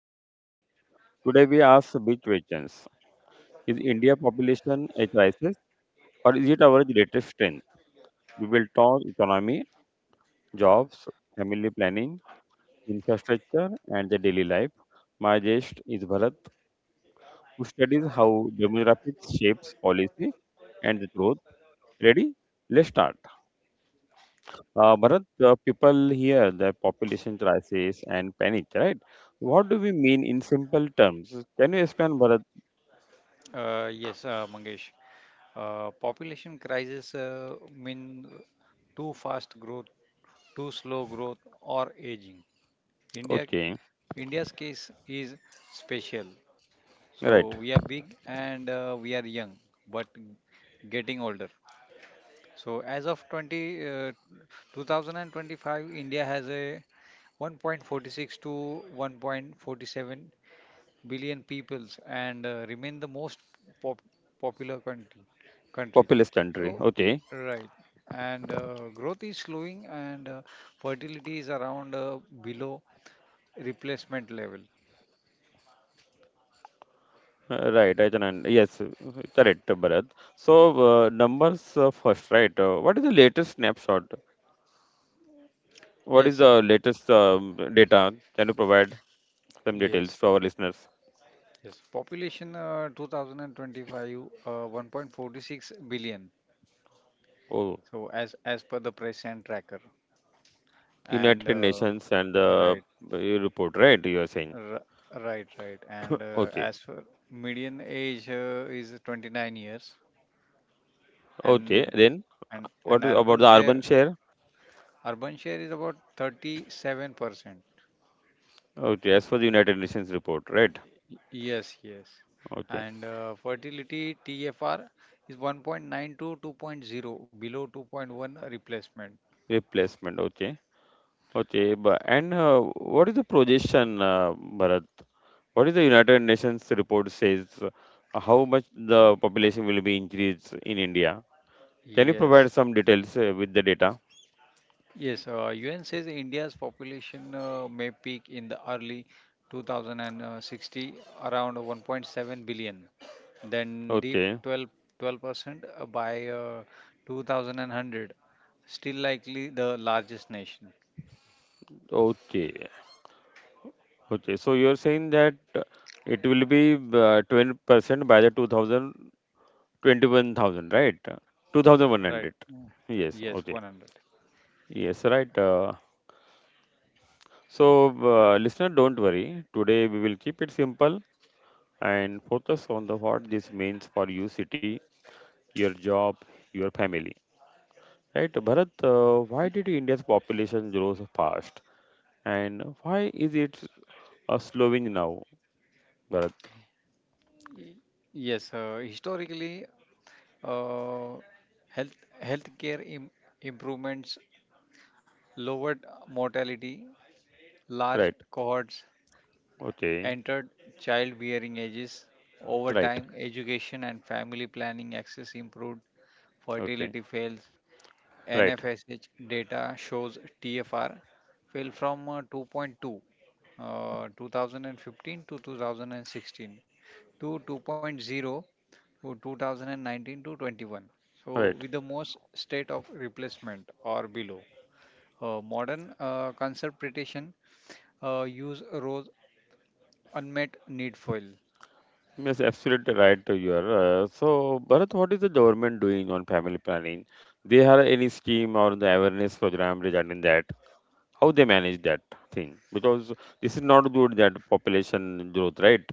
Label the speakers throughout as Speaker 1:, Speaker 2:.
Speaker 1: chance. Today, we ask big questions. Is India population a crisis or is it our greatest strength? We will talk economy, jobs, family planning, infrastructure, and the daily life. My guest is Bharat, who studies how demographics shapes policy and the growth. Ready? Let's start. Bharat, people hear the population crisis and panic, right? What do we mean in simple terms? Can you explain, Bharat?
Speaker 2: Yes, Mangesh. Population crisis, mean too fast growth, too slow growth, or aging. India,
Speaker 1: Okay,
Speaker 2: India's case is special. So we are
Speaker 1: right.
Speaker 2: big, and we are young, but getting older. So as of 2025, India has a 1.46 to 1.47 billion peoples, and remain the most pop- popular country.
Speaker 1: Populous country.
Speaker 2: So,
Speaker 1: Okay.
Speaker 2: right, and growth is slowing, and fertility is around, below replacement level.
Speaker 1: Right. I can, un- yes, Correct, Bharat. So, numbers first, right? What is the latest snapshot? What
Speaker 2: Yes,
Speaker 1: is
Speaker 2: sir.
Speaker 1: the latest data? Can you provide some details
Speaker 2: yes
Speaker 1: to our listeners?
Speaker 2: yes, population, 2025, 1.46 billion.
Speaker 1: Oh,
Speaker 2: So, as per the present tracker, and
Speaker 1: United Nations and the
Speaker 2: right
Speaker 1: uh, report, right? You are saying.
Speaker 2: r- right, and
Speaker 1: Okay.
Speaker 2: as for median age, is 29 years.
Speaker 1: Okay,
Speaker 2: and
Speaker 1: then.
Speaker 2: and and
Speaker 1: What is about
Speaker 2: urban
Speaker 1: the urban
Speaker 2: share.
Speaker 1: share?
Speaker 2: Urban share is about 37%.
Speaker 1: Okay, as for the United Nations report, right?
Speaker 2: Yes, yes.
Speaker 1: Okay,
Speaker 2: And fertility TFR is 1.9 to 2.0, below 2.1 replacement.
Speaker 1: replacement. Okay, okay, but and what is the projection, Bharat? What is the United Nations report says? How much the population will be increased in India? Can you
Speaker 2: yes
Speaker 1: provide some details with the data?
Speaker 2: yes UN says India's population may peak in the early 2060, around 1.7 billion, then deep
Speaker 1: Okay,
Speaker 2: 12% by uh, 2100. Still likely the largest nation.
Speaker 1: okay, okay. So you're saying that it will be 20% by the 2000 21,000, right?
Speaker 2: Right.
Speaker 1: 2,100.
Speaker 2: Mm.
Speaker 1: Yes,
Speaker 2: Yes,
Speaker 1: okay.
Speaker 2: 100.
Speaker 1: Yes, right. So, listener, don't worry. Today we will keep it simple and focus on the what this means for you, city, your job, your family. Right, Bharat? Why did India's population grow so fast, and why is it slowing now, Bharat?
Speaker 2: Yes, historically, uh, health healthcare improvements lowered mortality. Large
Speaker 1: Right.
Speaker 2: cohorts
Speaker 1: Okay.
Speaker 2: entered childbearing ages. Over
Speaker 1: Right.
Speaker 2: time, education and family planning access improved,
Speaker 1: Okay.
Speaker 2: fertility fails.
Speaker 1: Right.
Speaker 2: NFSH data shows TFR fell from 2.2, 2015 to 2016, to 2.0, to 2019 to 21. So
Speaker 1: Right.
Speaker 2: with the most state of replacement or below. Modern conservation use rose, unmet need fill.
Speaker 1: Yes, absolutely right. You are. So, Bharat, what is the government doing on family planning? They have any scheme or the awareness program regarding that? How they manage that thing, because this is not good that population growth, right?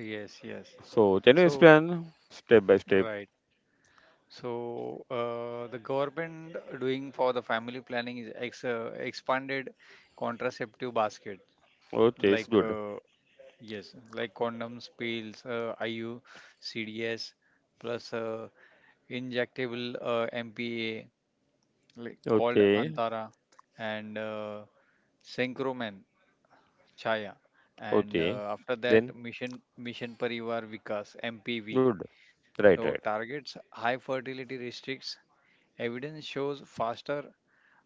Speaker 2: Yes, yes.
Speaker 1: So can you
Speaker 2: So,
Speaker 1: explain step by step?
Speaker 2: right. So, the government doing for the family planning is expanded contraceptive basket,
Speaker 1: Okay, it's
Speaker 2: like,
Speaker 1: good.
Speaker 2: yes, like, condoms, pills, IU, CDS, plus injectable, MPA, like, called
Speaker 1: Okay,
Speaker 2: Antara, and Synchroman, Chaya, and
Speaker 1: okay,
Speaker 2: after
Speaker 1: then.
Speaker 2: that, Mission Parivar Vikas, MPV.
Speaker 1: Good. Right,
Speaker 2: So
Speaker 1: right.
Speaker 2: targets high fertility restricts. Evidence shows faster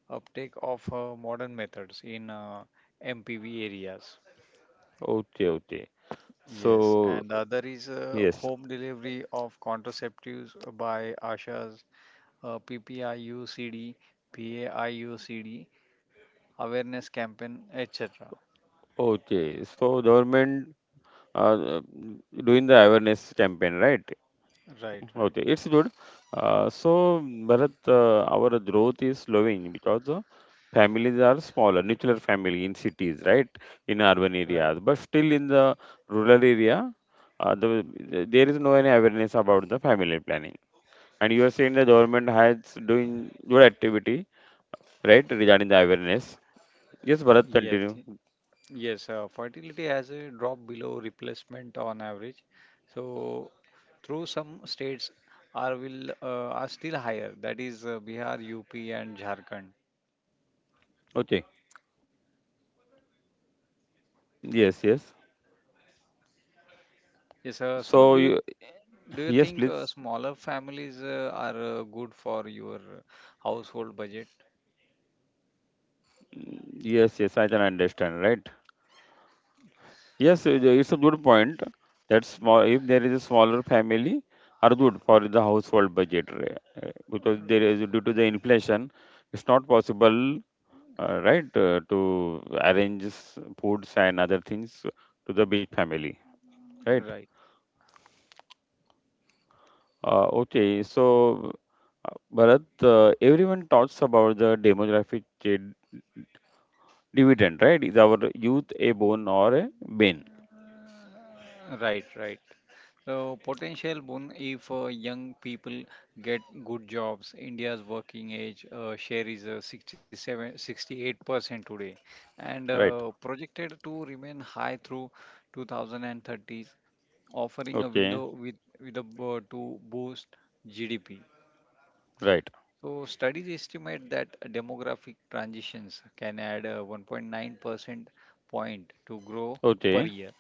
Speaker 2: uptake of modern methods in MPV areas.
Speaker 1: Okay, okay,
Speaker 2: Yes,
Speaker 1: so
Speaker 2: and the other is
Speaker 1: yes.
Speaker 2: home delivery of contraceptives by ASHA's, PPIUCD, PAIUCD awareness campaign, etc.
Speaker 1: Okay, so government uh, doing the awareness campaign, right?
Speaker 2: Right, right,
Speaker 1: Okay, it's good. So, Bharat, our growth is slowing because the families are smaller, nuclear family in cities, right? In urban
Speaker 2: right.
Speaker 1: areas, but still in the rural area, there is no any awareness about the family planning. And you are saying the government has doing good activity, right, regarding the awareness. Yes, Bharat,
Speaker 2: Yes.
Speaker 1: continue.
Speaker 2: Yes, fertility has a drop below replacement on average. So, through some states are still higher. That is Bihar, UP, and Jharkhand.
Speaker 1: Okay. Yes, yes.
Speaker 2: Yes, so,
Speaker 1: So
Speaker 2: do you
Speaker 1: you,
Speaker 2: do you
Speaker 1: yes,
Speaker 2: think
Speaker 1: please.
Speaker 2: smaller families are good for your household budget?
Speaker 1: Yes, yes, I can understand, right? Yes, it's a good point. That small, if there is a smaller family, are good for the household budget, right? Because there is due to the inflation, it's not possible, right, to arrange foods and other things to the big family, right?
Speaker 2: Right.
Speaker 1: Okay, so uh, Bharat, everyone talks about the demographic uh, dividend, right? Is our youth a bone or a bane,
Speaker 2: Right, right. So, potential boon if young people get good jobs. India's working age share is 67, 68% today, and
Speaker 1: right?
Speaker 2: projected to remain high through 2030s, offering a
Speaker 1: Okay,
Speaker 2: window with to boost GDP.
Speaker 1: right.
Speaker 2: So studies estimate that demographic transitions can add 1.9% point to grow per
Speaker 1: Okay.
Speaker 2: year.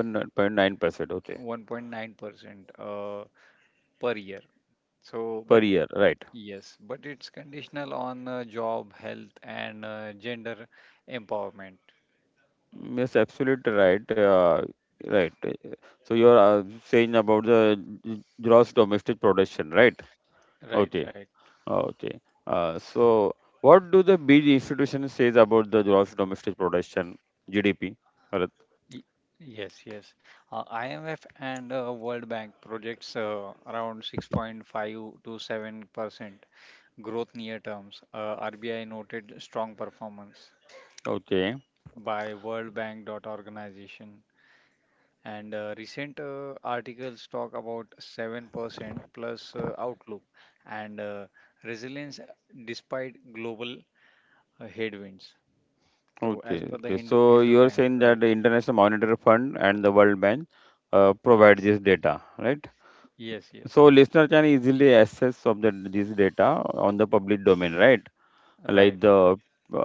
Speaker 1: 1.9%, okay,
Speaker 2: 1.9% per year. So,
Speaker 1: per
Speaker 2: but
Speaker 1: year, right?
Speaker 2: yes, but it's conditional on job, health, and gender empowerment.
Speaker 1: Mm, yes, absolutely right. Right. Uh, So you are saying about the gross domestic production, right?
Speaker 2: Right,
Speaker 1: Okay,
Speaker 2: right.
Speaker 1: okay. So what do the big institution says about the gross domestic production, GDP? Bharat?
Speaker 2: Y- Yes, yes. IMF and World Bank projects around 6.5 to 7% growth near terms. RBI noted strong performance
Speaker 1: Okay,
Speaker 2: by World Bank dot organization. And recent articles talk about 7% plus outlook and resilience despite global headwinds. So, as
Speaker 1: okay,
Speaker 2: per the
Speaker 1: okay. So
Speaker 2: Hindu
Speaker 1: you are
Speaker 2: Times,
Speaker 1: saying that
Speaker 2: right?
Speaker 1: the International Monetary Fund and the World Bank provide
Speaker 2: Yes,
Speaker 1: this data, right?
Speaker 2: yes, yes,
Speaker 1: So listener can easily access of the this data on the public domain, right? Like
Speaker 2: right.
Speaker 1: the uh,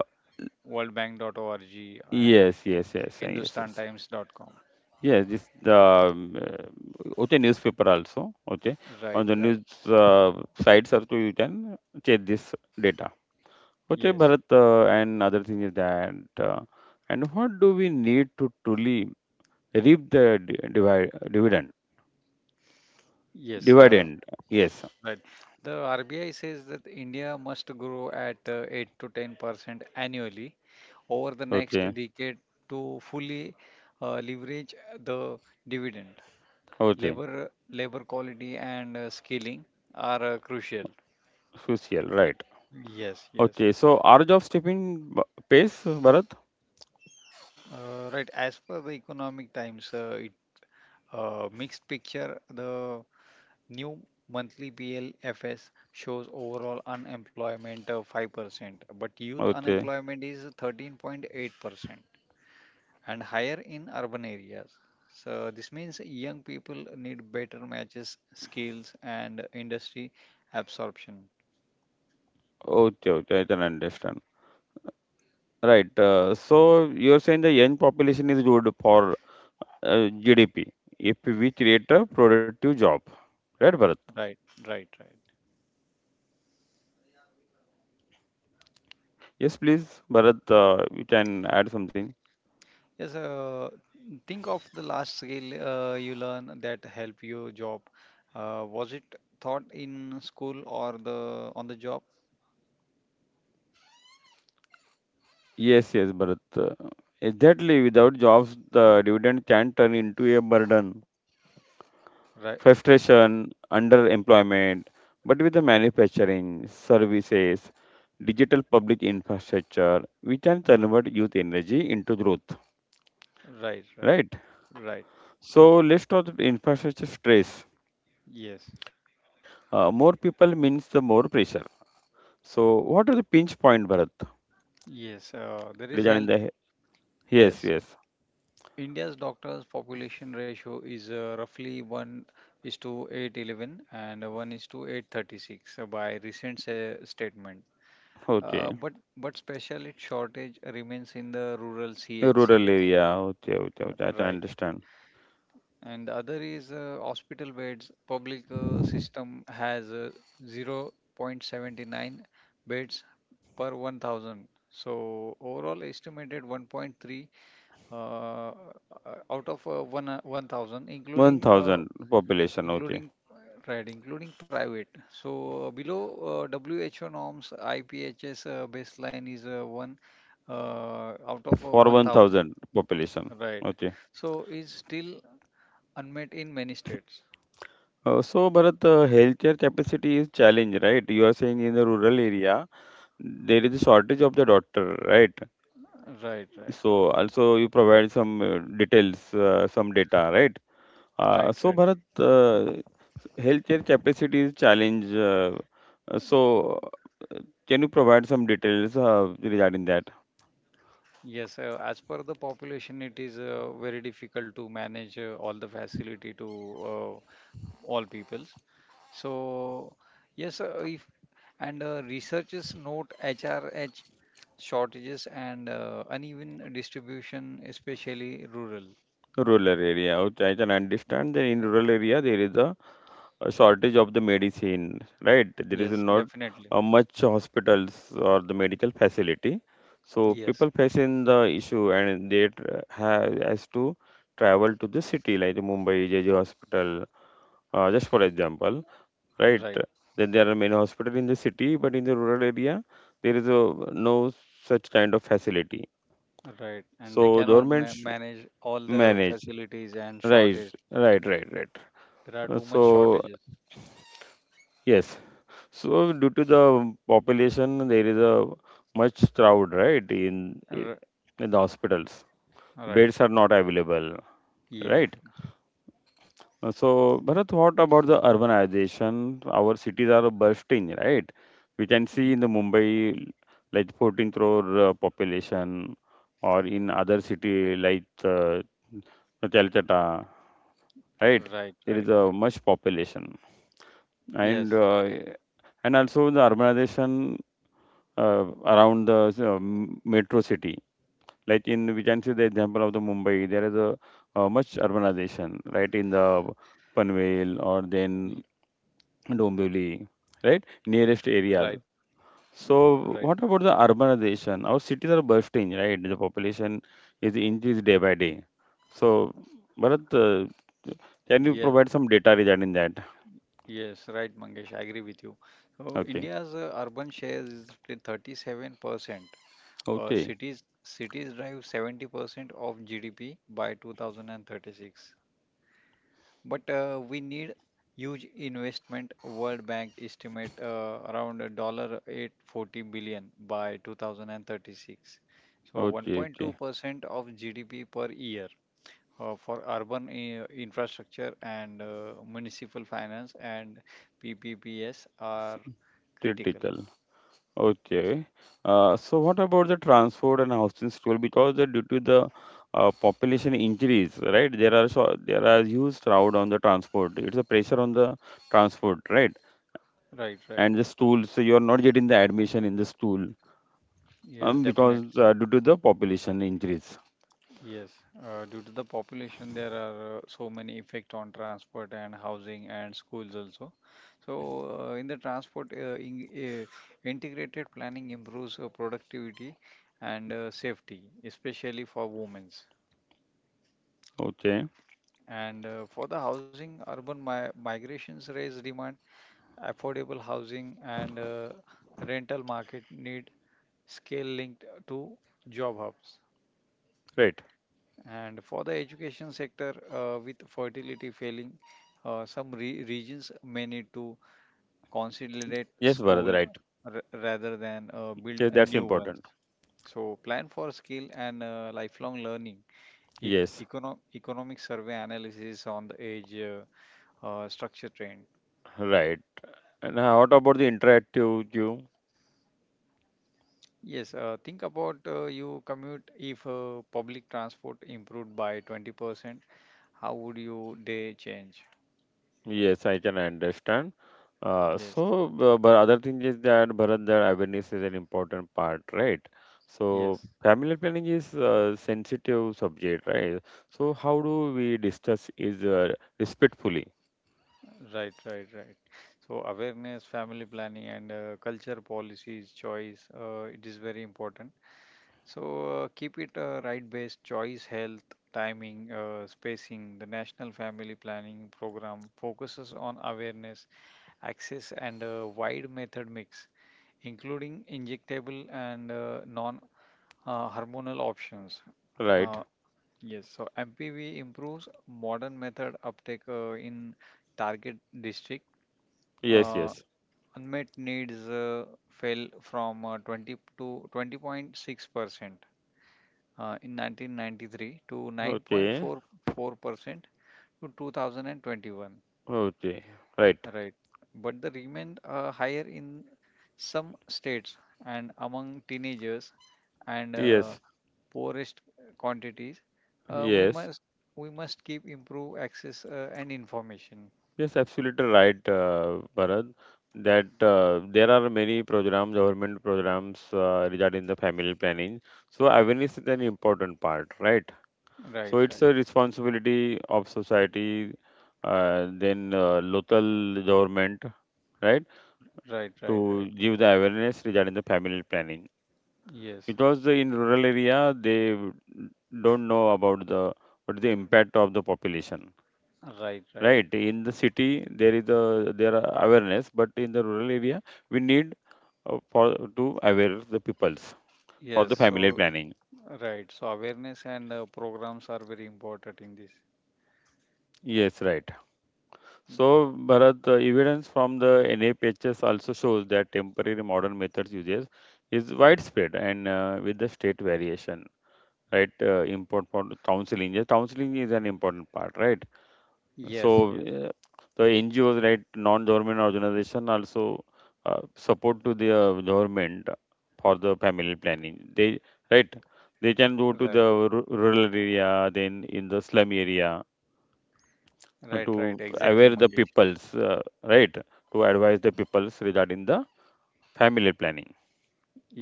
Speaker 2: Worldbank.org and
Speaker 1: yes, yes, yes, yes, yes.
Speaker 2: HindustanTimes.com.
Speaker 1: Yes, this the okay, newspaper also, okay, on
Speaker 2: Right,
Speaker 1: the
Speaker 2: right.
Speaker 1: news uh, sites also you can check this data. Okay,
Speaker 2: Yes,
Speaker 1: Bharat, and other thing is that and what do we need to truly reap the dividend?
Speaker 2: yes.
Speaker 1: Dividend, yes.
Speaker 2: Right. The RBI says that India must grow at 8 to 10% annually over the next
Speaker 1: Okay,
Speaker 2: decade to fully leverage the dividend.
Speaker 1: okay,
Speaker 2: Labor quality and skilling are crucial.
Speaker 1: social, right.
Speaker 2: Yes, yes.
Speaker 1: Okay, so our job stepping pace, Bharat?
Speaker 2: Right. As per the Economic Times, it, mixed picture. The new monthly BLFS shows overall unemployment of 5%, but youth
Speaker 1: Okay,
Speaker 2: unemployment is 13.8%, and higher in urban areas. So, this means young people need better matches, skills, and industry absorption.
Speaker 1: okay, okay, I can understand. Right, so you're saying the young population is good for uh, GDP if we create a productive job, right, Bharat?
Speaker 2: Right, right, right.
Speaker 1: Yes, please, Bharat, you can add something.
Speaker 2: Yes, think of the last skill you learn that help you job. Was it taught in school or the on the job?
Speaker 1: Yes, yes, Bharat. Exactly, without jobs, the dividend can turn into a burden.
Speaker 2: Right,
Speaker 1: Frustration, underemployment, but with the manufacturing, services, digital public infrastructure, we can
Speaker 2: r-
Speaker 1: convert youth energy into growth,
Speaker 2: right, right.
Speaker 1: right?
Speaker 2: Right.
Speaker 1: So let's talk about infrastructure stress.
Speaker 2: Yes.
Speaker 1: More people means the more pressure. So what are the pinch point, Bharat?
Speaker 2: Yes. There is
Speaker 1: Regarding
Speaker 2: health.
Speaker 1: the he- yes,
Speaker 2: Yes.
Speaker 1: yes,
Speaker 2: India's doctors population ratio is roughly 1 is to 811, and 1 is to 836, by recent statement.
Speaker 1: okay,
Speaker 2: But specialist shortage remains in the rural
Speaker 1: a rural
Speaker 2: CHCH.
Speaker 1: area, okay, okay, okay, I can
Speaker 2: Right.
Speaker 1: understand.
Speaker 2: And the other is hospital beds. Public system has 0.79 beds per 1000, so overall estimated 1.3, uh, uh, out of 1, 1000,
Speaker 1: One
Speaker 2: including
Speaker 1: thousand population, okay,
Speaker 2: including uh, right, including private. So, below who norms, iphs baseline is 1, out of
Speaker 1: for one
Speaker 2: 1000,
Speaker 1: thousand population,
Speaker 2: right.
Speaker 1: okay.
Speaker 2: So is still unmet in many states.
Speaker 1: So, Bharat, healthcare capacity is challenge, right? You are saying in the rural area there is a shortage of the doctor, right?
Speaker 2: Right, right,
Speaker 1: So, also you provide some details, some data, right?
Speaker 2: right,
Speaker 1: So,
Speaker 2: right.
Speaker 1: Bharat, healthcare capacity is challenge. Uh, so, uh, can you provide some details regarding that
Speaker 2: Yes, as per the population, it is very difficult to manage all the facility to uh, all peoples. So, yes, if, and researchers note HRH shortages, and uneven distribution, especially rural.
Speaker 1: rural area? Which I can understand that in rural area there is a shortage of the medicine, right? There is
Speaker 2: Yes,
Speaker 1: not
Speaker 2: definitely.
Speaker 1: much hospitals or the medical facility. So
Speaker 2: Yes,
Speaker 1: people facing the issue and they tr- ha has to travel to the city like the Mumbai JJ hospital, just for example, right?
Speaker 2: right,
Speaker 1: Then there are many hospitals in the city, but in the rural area, there is a, no such kind of facility.
Speaker 2: right. And they
Speaker 1: So
Speaker 2: cannot
Speaker 1: government
Speaker 2: ma manage all the
Speaker 1: manage,
Speaker 2: facilities and
Speaker 1: right,
Speaker 2: shortage.
Speaker 1: right, right, right.
Speaker 2: There are
Speaker 1: Uh,
Speaker 2: too much
Speaker 1: So
Speaker 2: shortages.
Speaker 1: yes, so due to the population, there is a much crowd, right,
Speaker 2: R
Speaker 1: in the hospitals.
Speaker 2: Right.
Speaker 1: Beds are not available,
Speaker 2: Yeah.
Speaker 1: right? So, Bharat, what about the urbanization? Our cities are bursting, right? We can see
Speaker 2: Y-
Speaker 1: in the Mumbai, like 14 crore population, or in other city like Calcutta, right?
Speaker 2: Right,
Speaker 1: There
Speaker 2: right,
Speaker 1: is a
Speaker 2: right.
Speaker 1: much population, and
Speaker 2: Yes,
Speaker 1: uh, and also the urbanization uh, around the metro city. Like in, we can see the example of the Mumbai, there is a, uh, much urbanization, right, in the Panvel or then
Speaker 2: y-
Speaker 1: Dombivli, right, nearest areas.
Speaker 2: right, mm,
Speaker 1: So
Speaker 2: right.
Speaker 1: what about the urbanization? Our cities are bursting, right? The population is increased day by day. So, Bharat, can you
Speaker 2: Yes,
Speaker 1: provide some data regarding that?
Speaker 2: yes, right, Mangesh. I agree with you. So,
Speaker 1: Okay,
Speaker 2: India's urban share is 37%.
Speaker 1: okay,
Speaker 2: Cities drive 70% of GDP by 2036. But we need huge investment. World Bank estimate around a dollar 840 billion by 2036. So,
Speaker 1: okay, okay.
Speaker 2: 1.2% of GDP per year, for urban infrastructure, and municipal finance and PPPs are critical.
Speaker 1: Theoretical. Okay. So what about the transport and housing struggle? Because due to the population increase, right? There are huge crowd on the transport. It's a pressure on the transport, right?
Speaker 2: Right, right.
Speaker 1: And the school, so you are not getting the admission in the school,
Speaker 2: Yes, definitely.
Speaker 1: because due to the population increase.
Speaker 2: Yes. Due to the population, there are so many effect on transport and housing and schools also. So, in the transport, integrated planning improves productivity and safety, especially for women's.
Speaker 1: Okay,
Speaker 2: And for the housing, urban migrations raise demand affordable housing, and rental market need scale linked to job hubs.
Speaker 1: right.
Speaker 2: And for the education sector, with fertility failing, some regions may need to consolidate
Speaker 1: Yes, Bharat,
Speaker 2: school,
Speaker 1: right.
Speaker 2: rather than build
Speaker 1: Yes,
Speaker 2: a
Speaker 1: that's
Speaker 2: new one.
Speaker 1: important.
Speaker 2: So plan for skill and lifelong learning. E-
Speaker 1: Yes,
Speaker 2: economic survey analysis on the age structure trend.
Speaker 1: right. And What about the interactive queue?
Speaker 2: Yes, think about, you commute, if public transport improved by 20%, how would your day change?
Speaker 1: Yes, I can understand.
Speaker 2: Yes,
Speaker 1: But other thing is that Bharat, that awareness is an important part, right? So,
Speaker 2: yes.
Speaker 1: family planning is a sensitive subject, right? So, how do we discuss is respectfully,
Speaker 2: Right, right, right. So, awareness, family planning, and culture policies, choice, it is very important. So, keep it right based choice, health, timing, spacing. The National Family Planning Program focuses on awareness, access, and a wide method mix, including injectable and non hormonal options.
Speaker 1: right?
Speaker 2: Uh, Yes, so MPV improves modern method uptake in target district.
Speaker 1: Yes,
Speaker 2: Uh,
Speaker 1: yes.
Speaker 2: Unmet needs fell from 20 to 20.6%, uh, in 1993, to
Speaker 1: Okay,
Speaker 2: 9.44%, to 2021,
Speaker 1: okay, right.
Speaker 2: right? But they remained higher in some states and among teenagers, and
Speaker 1: Yes,
Speaker 2: poorest quantities. uh, we
Speaker 1: yes.
Speaker 2: must we must keep improve access, and information.
Speaker 1: Yes, absolutely right, Bharat. That there are many programs, government programs regarding the family planning. So awareness is an important part, right? So
Speaker 2: Right,
Speaker 1: it's
Speaker 2: right,
Speaker 1: a responsibility of society, then local government, right,
Speaker 2: right, right,
Speaker 1: to
Speaker 2: right.
Speaker 1: give the awareness regarding the family planning.
Speaker 2: Yes,
Speaker 1: Because in rural area they don't know about the what is the impact of the population,
Speaker 2: right, right.
Speaker 1: right. In the city there is a there are awareness, but in the rural area we need, for to aware the peoples for
Speaker 2: Yes,
Speaker 1: the family
Speaker 2: so,
Speaker 1: planning.
Speaker 2: right. So, awareness and programs are very important in this.
Speaker 1: Yes, right.
Speaker 2: Y-
Speaker 1: So Bharat, the evidence from the NHS also shows that temporary modern methods uses is widespread and with the state variation, right? Important for counseling. Yeah, counseling is an important part, right?
Speaker 2: Yes,
Speaker 1: So
Speaker 2: yes,
Speaker 1: the NGOs, right, non-government organization also support to the government for the family planning. They right, they can go to
Speaker 2: right,
Speaker 1: the rural area, then in the slum area
Speaker 2: right, right.
Speaker 1: to
Speaker 2: Exactly,
Speaker 1: aware the
Speaker 2: Mangesh.
Speaker 1: peoples, right, to advise the peoples regarding the family planning.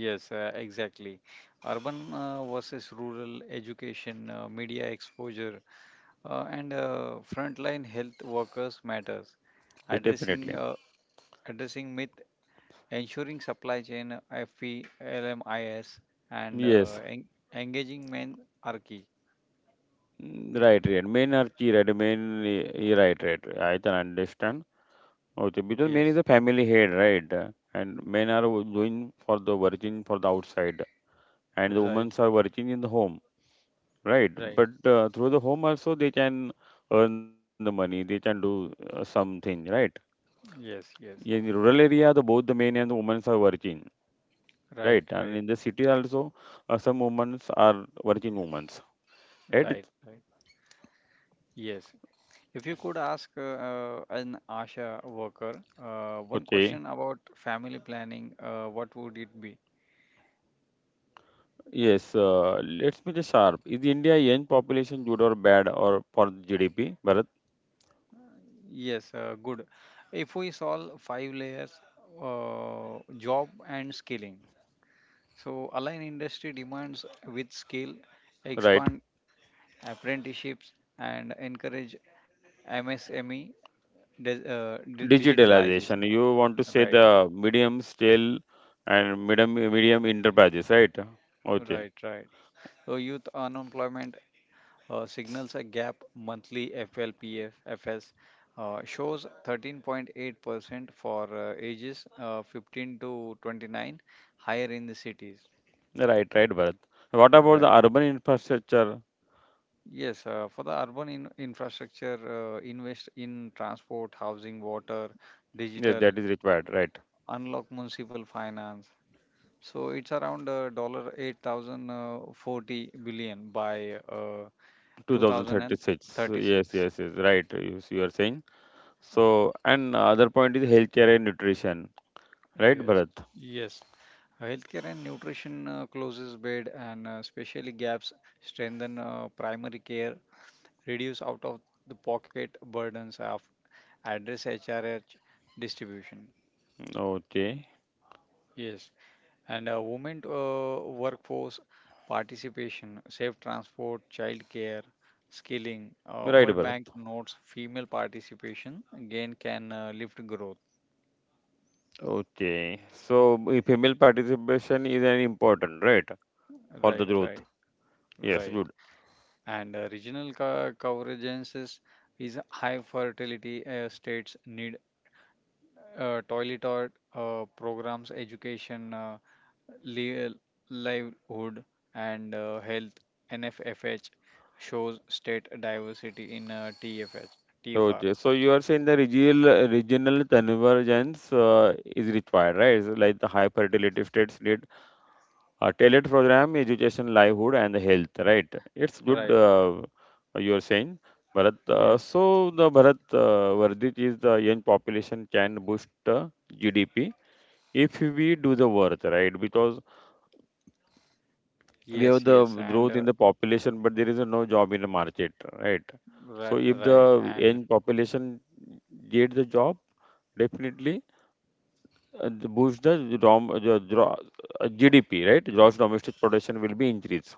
Speaker 2: Yes, exactly. Urban versus rural education, media exposure, and frontline health workers matters.
Speaker 1: Yes,
Speaker 2: Addressing
Speaker 1: definitely.
Speaker 2: uh, Addressing myth, ensuring supply chain FELMIS, and
Speaker 1: Yes,
Speaker 2: engaging men are key.
Speaker 1: mm, right, right. Men are key, right? Men, right, right. I can understand. Okay, because men is
Speaker 2: Yes,
Speaker 1: a family head, right? And men are doing for the working for the outside, and the women
Speaker 2: right,
Speaker 1: are working in the home, right?
Speaker 2: right.
Speaker 1: But through the home also they can earn the money, they can do something, right?
Speaker 2: Yes,
Speaker 1: In
Speaker 2: yes.
Speaker 1: the rural area, the both the men and the women are working, right?
Speaker 2: Right,
Speaker 1: And
Speaker 2: right,
Speaker 1: in the city also, some women are working women, right?
Speaker 2: right, right. Yes. If you could ask, an ASHA worker one
Speaker 1: Okay,
Speaker 2: question about family planning, what would it be?
Speaker 1: yes. Let's be the sharp. Is India young population good or bad or for GDP, Bharat?
Speaker 2: Yes, good. If we solve five layers: job and skilling. So, align industry demands with scale,
Speaker 1: Right?
Speaker 2: expand apprenticeships, and encourage MSME
Speaker 1: Digitalization.
Speaker 2: digitalization.
Speaker 1: You want to say
Speaker 2: Right,
Speaker 1: the medium scale and medium enterprises, right? Okay.
Speaker 2: right, right. So, youth unemployment signals a gap. Monthly FLPF shows 13.8% for ages 15 to 29, higher in the cities,
Speaker 1: Right, right, Bharat. What about the
Speaker 2: right.
Speaker 1: urban infrastructure?
Speaker 2: Yes, for the urban in infrastructure, invest in transport, housing, water,
Speaker 1: Yes,
Speaker 2: digital,
Speaker 1: that is required, right?
Speaker 2: unlock municipal finance. So it's around dollar 8,000 40 billion by
Speaker 1: 2036. Yes,
Speaker 2: 2036.
Speaker 1: yes, yes. Right. You are saying. So, and other point is healthcare and nutrition, right,
Speaker 2: Yes,
Speaker 1: Bharat?
Speaker 2: yes. Healthcare and nutrition closes bed and specially gaps, strengthen primary care, reduce out of the pocket burdens of, address HRH distribution.
Speaker 1: Okay.
Speaker 2: Yes. And women workforce participation, safe transport, childcare, skilling.
Speaker 1: Right,
Speaker 2: World Bank
Speaker 1: Bharat.
Speaker 2: notes female participation again can lift growth.
Speaker 1: Okay. So, female participation is an important, right, for the
Speaker 2: Right,
Speaker 1: growth.
Speaker 2: right,
Speaker 1: Yes,
Speaker 2: right.
Speaker 1: good.
Speaker 2: And regional coverage is high fertility states need toilet or programs, education. Li- livelihood and health. NFFH shows state diversity in TFH TFR,
Speaker 1: Okay, so you are saying the regional convergence is required, right? It's like the high fertility states need a tailored program, education, livelihood, and the health, right? It's good.
Speaker 2: right.
Speaker 1: You are saying, Bharat. Uh,
Speaker 2: Yes,
Speaker 1: so the Bharat Vardhit is the young population can boost GDP if we do the work, right? Because
Speaker 2: yes,
Speaker 1: we have
Speaker 2: yes.
Speaker 1: the
Speaker 2: And
Speaker 1: growth in the population, but there is no job in the market, right? So if
Speaker 2: right,
Speaker 1: the
Speaker 2: and
Speaker 1: young population get the job. Definitely, the boost the, dom, the, dro- GDP, right? Gross domestic production will be increased,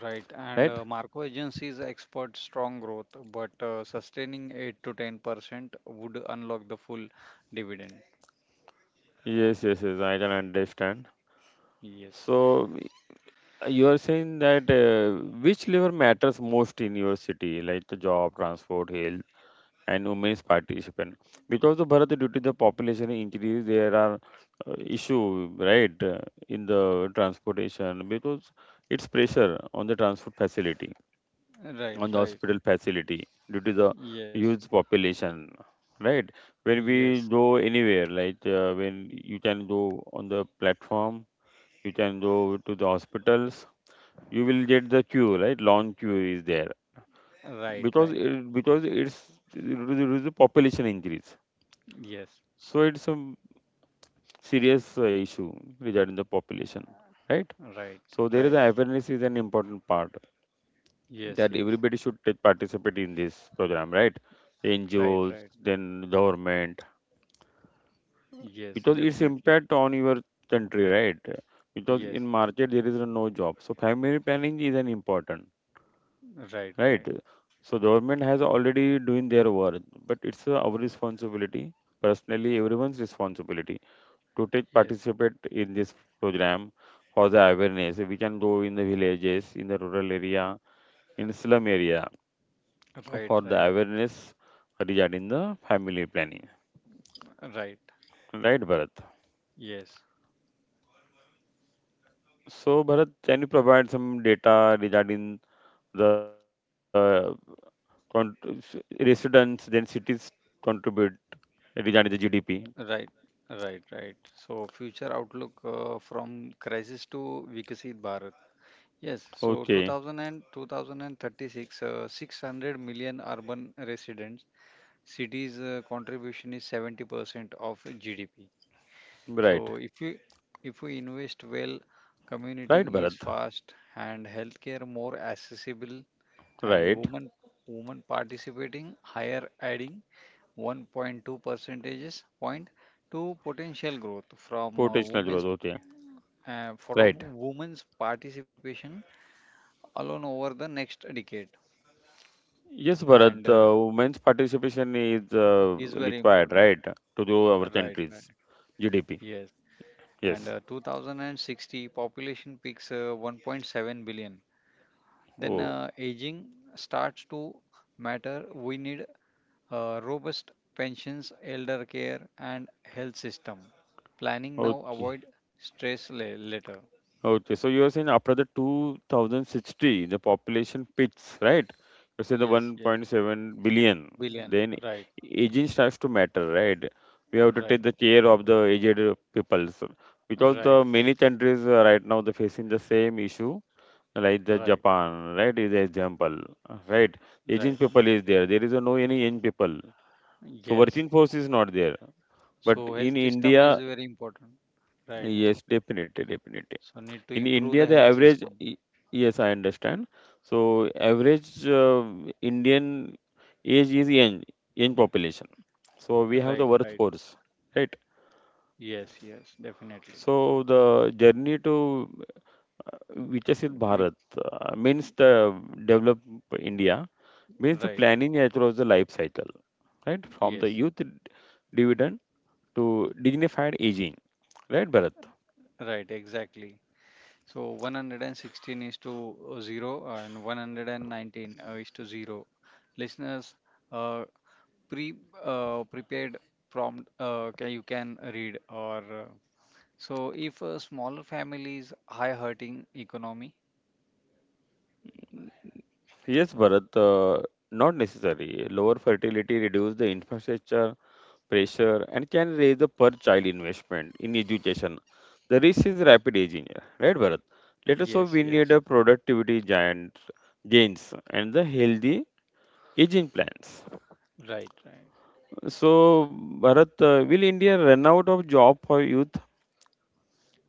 Speaker 2: right and
Speaker 1: right?
Speaker 2: uh, Marco agencies export strong growth, but sustaining 8 to 10% would unlock the full dividend.
Speaker 1: Yes, yes, yes. I can understand.
Speaker 2: Yes,
Speaker 1: So you are saying that which level matters most in your city, like the job, transport, health, and women's participation? Because the Bharat, due to the population increase, there are issue, right, in the transportation because it's pressure on the transport facility.
Speaker 2: right,
Speaker 1: On the
Speaker 2: right.
Speaker 1: hospital facility due to the
Speaker 2: Yes,
Speaker 1: huge population, right? When we
Speaker 2: yes.
Speaker 1: go anywhere, like when you can go on the platform, you can go to the hospitals, you will get the queue, right? Long queue is there
Speaker 2: Right,
Speaker 1: because
Speaker 2: right.
Speaker 1: it's there is a population increase.
Speaker 2: Yes,
Speaker 1: So it's a serious issue regarding the population, right?
Speaker 2: right,
Speaker 1: So there is
Speaker 2: right.
Speaker 1: a awareness is an important part
Speaker 2: Yes,
Speaker 1: that
Speaker 2: yes,
Speaker 1: everybody should take participate in this program, right?
Speaker 2: right,
Speaker 1: NGOs,
Speaker 2: right.
Speaker 1: then government,
Speaker 2: Yes,
Speaker 1: because its
Speaker 2: definitely.
Speaker 1: impact on your country, right? Because
Speaker 2: Yes,
Speaker 1: in market there is no job, so family planning is an important,
Speaker 2: right,
Speaker 1: right?
Speaker 2: right.
Speaker 1: So government has already doing their work, but it's our responsibility, personally everyone's responsibility, to take
Speaker 2: Yes,
Speaker 1: participate in this program for the awareness. We can go in the villages, in the rural area, in slum area
Speaker 2: right,
Speaker 1: for the
Speaker 2: right,
Speaker 1: awareness regarding the family planning.
Speaker 2: right.
Speaker 1: Right, Bharat?
Speaker 2: Yes,
Speaker 1: So, Bharat, can you provide some data regarding the con- residents, then cities contribute regarding the GDP?
Speaker 2: right, right, right. So, future outlook from crisis to Vikasit Bharat. Yes, so
Speaker 1: Okay,
Speaker 2: 2000 and 2036, 600 million urban residents. Cities contribution is 70% of GDP.
Speaker 1: right.
Speaker 2: So, if we invest well,
Speaker 1: Right,
Speaker 2: commuting is
Speaker 1: Bharat.
Speaker 2: fast and healthcare more accessible, and
Speaker 1: Right.
Speaker 2: women participating higher, adding 1.2 percentages point to potential growth from
Speaker 1: Potential growth. Okay,
Speaker 2: uh, from
Speaker 1: right.
Speaker 2: women's participation alone over the next decade.
Speaker 1: Yes,
Speaker 2: And
Speaker 1: Bharat, women's participation is
Speaker 2: is very
Speaker 1: required,
Speaker 2: important.
Speaker 1: right, to grow our
Speaker 2: Right, right.
Speaker 1: countries. GDP.
Speaker 2: Yes. And
Speaker 1: Yes.
Speaker 2: 2060 population peaks 1.7 billion, then
Speaker 1: Oh,
Speaker 2: aging starts to matter. We need robust pensions, elder care, and health system. Planning now,
Speaker 1: okay.
Speaker 2: avoid stress later.
Speaker 1: Okay, so you are saying after the 2060, the population peaks, right? You say the
Speaker 2: Yes, yes,
Speaker 1: 1.7 billion,
Speaker 2: billion.
Speaker 1: then
Speaker 2: Right,
Speaker 1: aging starts to matter, right? We have to take
Speaker 2: right,
Speaker 1: the care of the aged peoples because
Speaker 2: right,
Speaker 1: the
Speaker 2: right,
Speaker 1: many countries right now they're facing the same issue, like the
Speaker 2: right,
Speaker 1: Japan, right? Is the example, right?
Speaker 2: right.
Speaker 1: Aging people is there. There is no any young people, so
Speaker 2: Yes.
Speaker 1: working force is not there. But
Speaker 2: So
Speaker 1: in
Speaker 2: health system is
Speaker 1: India,
Speaker 2: very important. Right.
Speaker 1: yes, definitely, definitely
Speaker 2: So, need to
Speaker 1: in
Speaker 2: improve
Speaker 1: India,
Speaker 2: the
Speaker 1: the
Speaker 2: health
Speaker 1: average,
Speaker 2: system.
Speaker 1: yes, I understand. So average Indian age is young, young population. So we have
Speaker 2: Right,
Speaker 1: the
Speaker 2: right.
Speaker 1: workforce, right?
Speaker 2: Yes, yes, definitely.
Speaker 1: So the journey to Vichasit
Speaker 2: We,
Speaker 1: Bharat means the develop India means the
Speaker 2: right.
Speaker 1: planning across the life cycle, right? From the
Speaker 2: Yes,
Speaker 1: dividend to dignified aging, right, Bharat?
Speaker 2: right. Exactly. So, 116 is to 0, and 119 is to 0. Listeners, uh, pre prepared prompt, you can read, or so if a smaller families, high hurting economy.
Speaker 1: Yes, Bharat, not necessary. Lower fertility reduce the infrastructure pressure and can raise the per child investment in education. The risk is rapid aging, yeah. Right, Bharat? Let us hope
Speaker 2: Yes,
Speaker 1: we need
Speaker 2: yes,
Speaker 1: a productivity giant gains and the healthy aging plans.
Speaker 2: right, right.
Speaker 1: So, Bharat, will India run out of job for youth?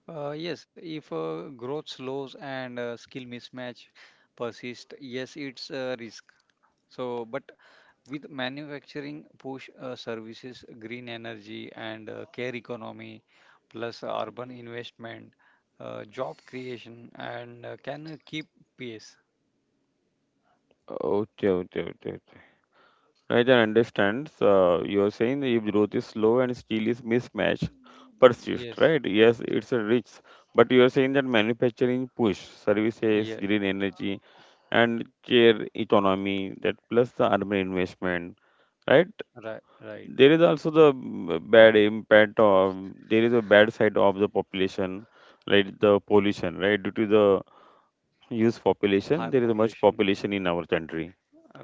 Speaker 2: Yes, if growth slows and skill mismatch persist, yes, it's a risk. So, but with manufacturing push, services, green energy, and care economy, plus urban investment, job creation, and can keep pace.
Speaker 1: Okay, okay, okay. I can understand. You're saying that if growth is slow and steel is mismatched, persist,
Speaker 2: Yes,
Speaker 1: right? Yes, it's a rich. But you're saying that manufacturing push, services,
Speaker 2: yeah.
Speaker 1: green energy, and care economy, that plus the urban investment, right?
Speaker 2: Right, right.
Speaker 1: There is also the bad impact of, there is a bad side of the population, right? The pollution, right? Due to the huge population,
Speaker 2: High
Speaker 1: there is much population
Speaker 2: population.
Speaker 1: in our country,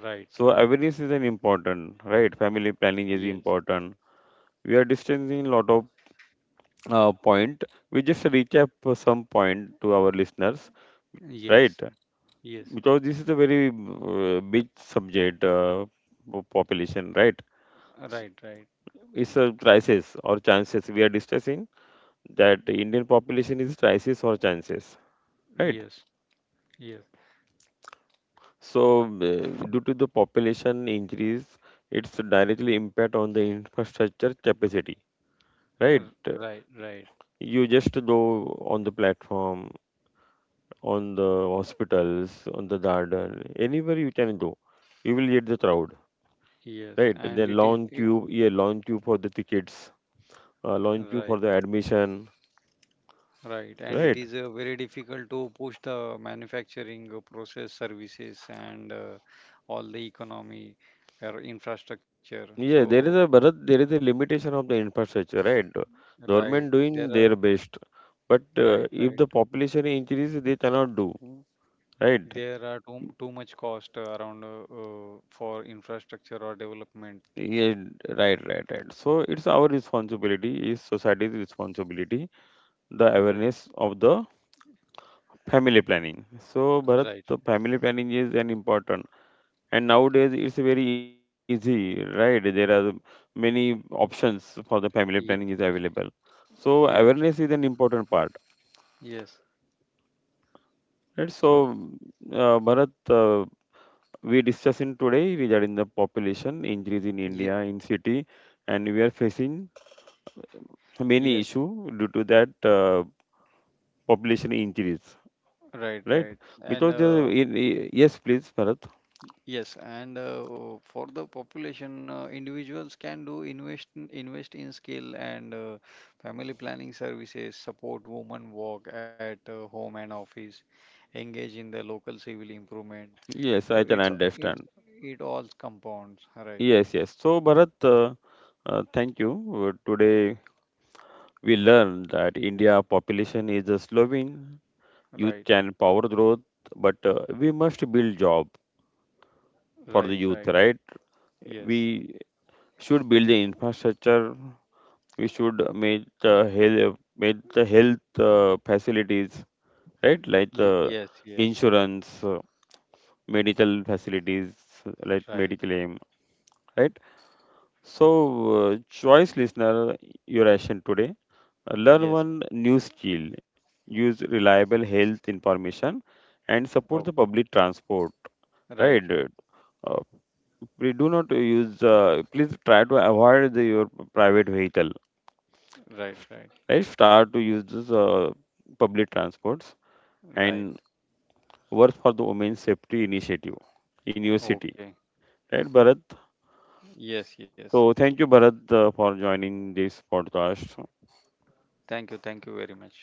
Speaker 2: Right,
Speaker 1: so
Speaker 2: right.
Speaker 1: awareness is an important, right? Family planning
Speaker 2: Yes,
Speaker 1: is important. We are distancing a lot of point. We just recap some point to our listeners, right?
Speaker 2: yes, yes.
Speaker 1: Because this is a very big subject, population, right? S-
Speaker 2: Right, right.
Speaker 1: It's a crisis or chances. We are discussing that Indian population is crisis or chances, right?
Speaker 2: Yes, yes,
Speaker 1: So due to the population increase, it's directly impact on the infrastructure capacity, right?
Speaker 2: uh, right, right.
Speaker 1: You just go on the platform, on the hospitals, on the garden, anywhere you can go. You will get the crowd,
Speaker 2: Yes,
Speaker 1: right?
Speaker 2: and
Speaker 1: The lawn queue, yeah, lawn queue for the tickets, lawn queue for
Speaker 2: right.
Speaker 1: the admission,
Speaker 2: Right, and it
Speaker 1: right?
Speaker 2: is very difficult to push the manufacturing process, services, and all the economy or infrastructure.
Speaker 1: Yeah,
Speaker 2: So,
Speaker 1: there is a Bharat, there is a limitation of the infrastructure, right?
Speaker 2: right,
Speaker 1: Government
Speaker 2: there
Speaker 1: doing
Speaker 2: are,
Speaker 1: their best, but
Speaker 2: right,
Speaker 1: if
Speaker 2: right.
Speaker 1: the population increase, they cannot do, right?
Speaker 2: There are too much cost, around, for infrastructure or development.
Speaker 1: Yeah, right, right, right. So it's our responsibility, is society's responsibility, the
Speaker 2: Right,
Speaker 1: awareness of the family planning. So, Bharat,
Speaker 2: right.
Speaker 1: the family planning is an important, and nowadays it's very easy, right? There are many options for the family planning is
Speaker 2: Ye
Speaker 1: available. So,
Speaker 2: Yes,
Speaker 1: awareness is an important part.
Speaker 2: yes.
Speaker 1: Right?
Speaker 2: So,
Speaker 1: So, Bharat, we discussing today regarding the population increase in
Speaker 2: yeah,
Speaker 1: India in city, and we are facing many
Speaker 2: yeah,
Speaker 1: issue due to that population increase,
Speaker 2: right,
Speaker 1: right?
Speaker 2: right. And
Speaker 1: Because the yes, please, Bharat.
Speaker 2: yes, and for the population, individuals can do, invest in skill, and family planning services, support women work at home and office, engage in the local civil improvement.
Speaker 1: Yes,
Speaker 2: So,
Speaker 1: I can understand.
Speaker 2: it all compounds. Right,
Speaker 1: Yes, yes. So, Bharat, thank you. Today we learned that India population is a slowing, youth
Speaker 2: right,
Speaker 1: can power growth, but we must build job for the
Speaker 2: right,
Speaker 1: youth,
Speaker 2: right.
Speaker 1: right?
Speaker 2: Yes.
Speaker 1: We should build the infrastructure. We should make the health facilities, right? Like
Speaker 2: Ye- yes, yes.
Speaker 1: insurance, medical facilities, like
Speaker 2: Right.
Speaker 1: medical aim, right? So, choice listener, your action today. Learn
Speaker 2: Yes.
Speaker 1: one new skill, use reliable health information, and support the
Speaker 2: Okay.
Speaker 1: public transport.
Speaker 2: Right,
Speaker 1: Right?
Speaker 2: right,
Speaker 1: Uh, we do not use. Please try to avoid the, your private vehicle.
Speaker 2: right, right,
Speaker 1: Right? Start to use this, public transports
Speaker 2: right.
Speaker 1: and work for the women's safety initiative in your city.
Speaker 2: Okay.
Speaker 1: Right, Bharat?
Speaker 2: Yes, yes.
Speaker 1: So, thank you, Bharat, for joining this podcast.
Speaker 2: Thank you. Thank you very much.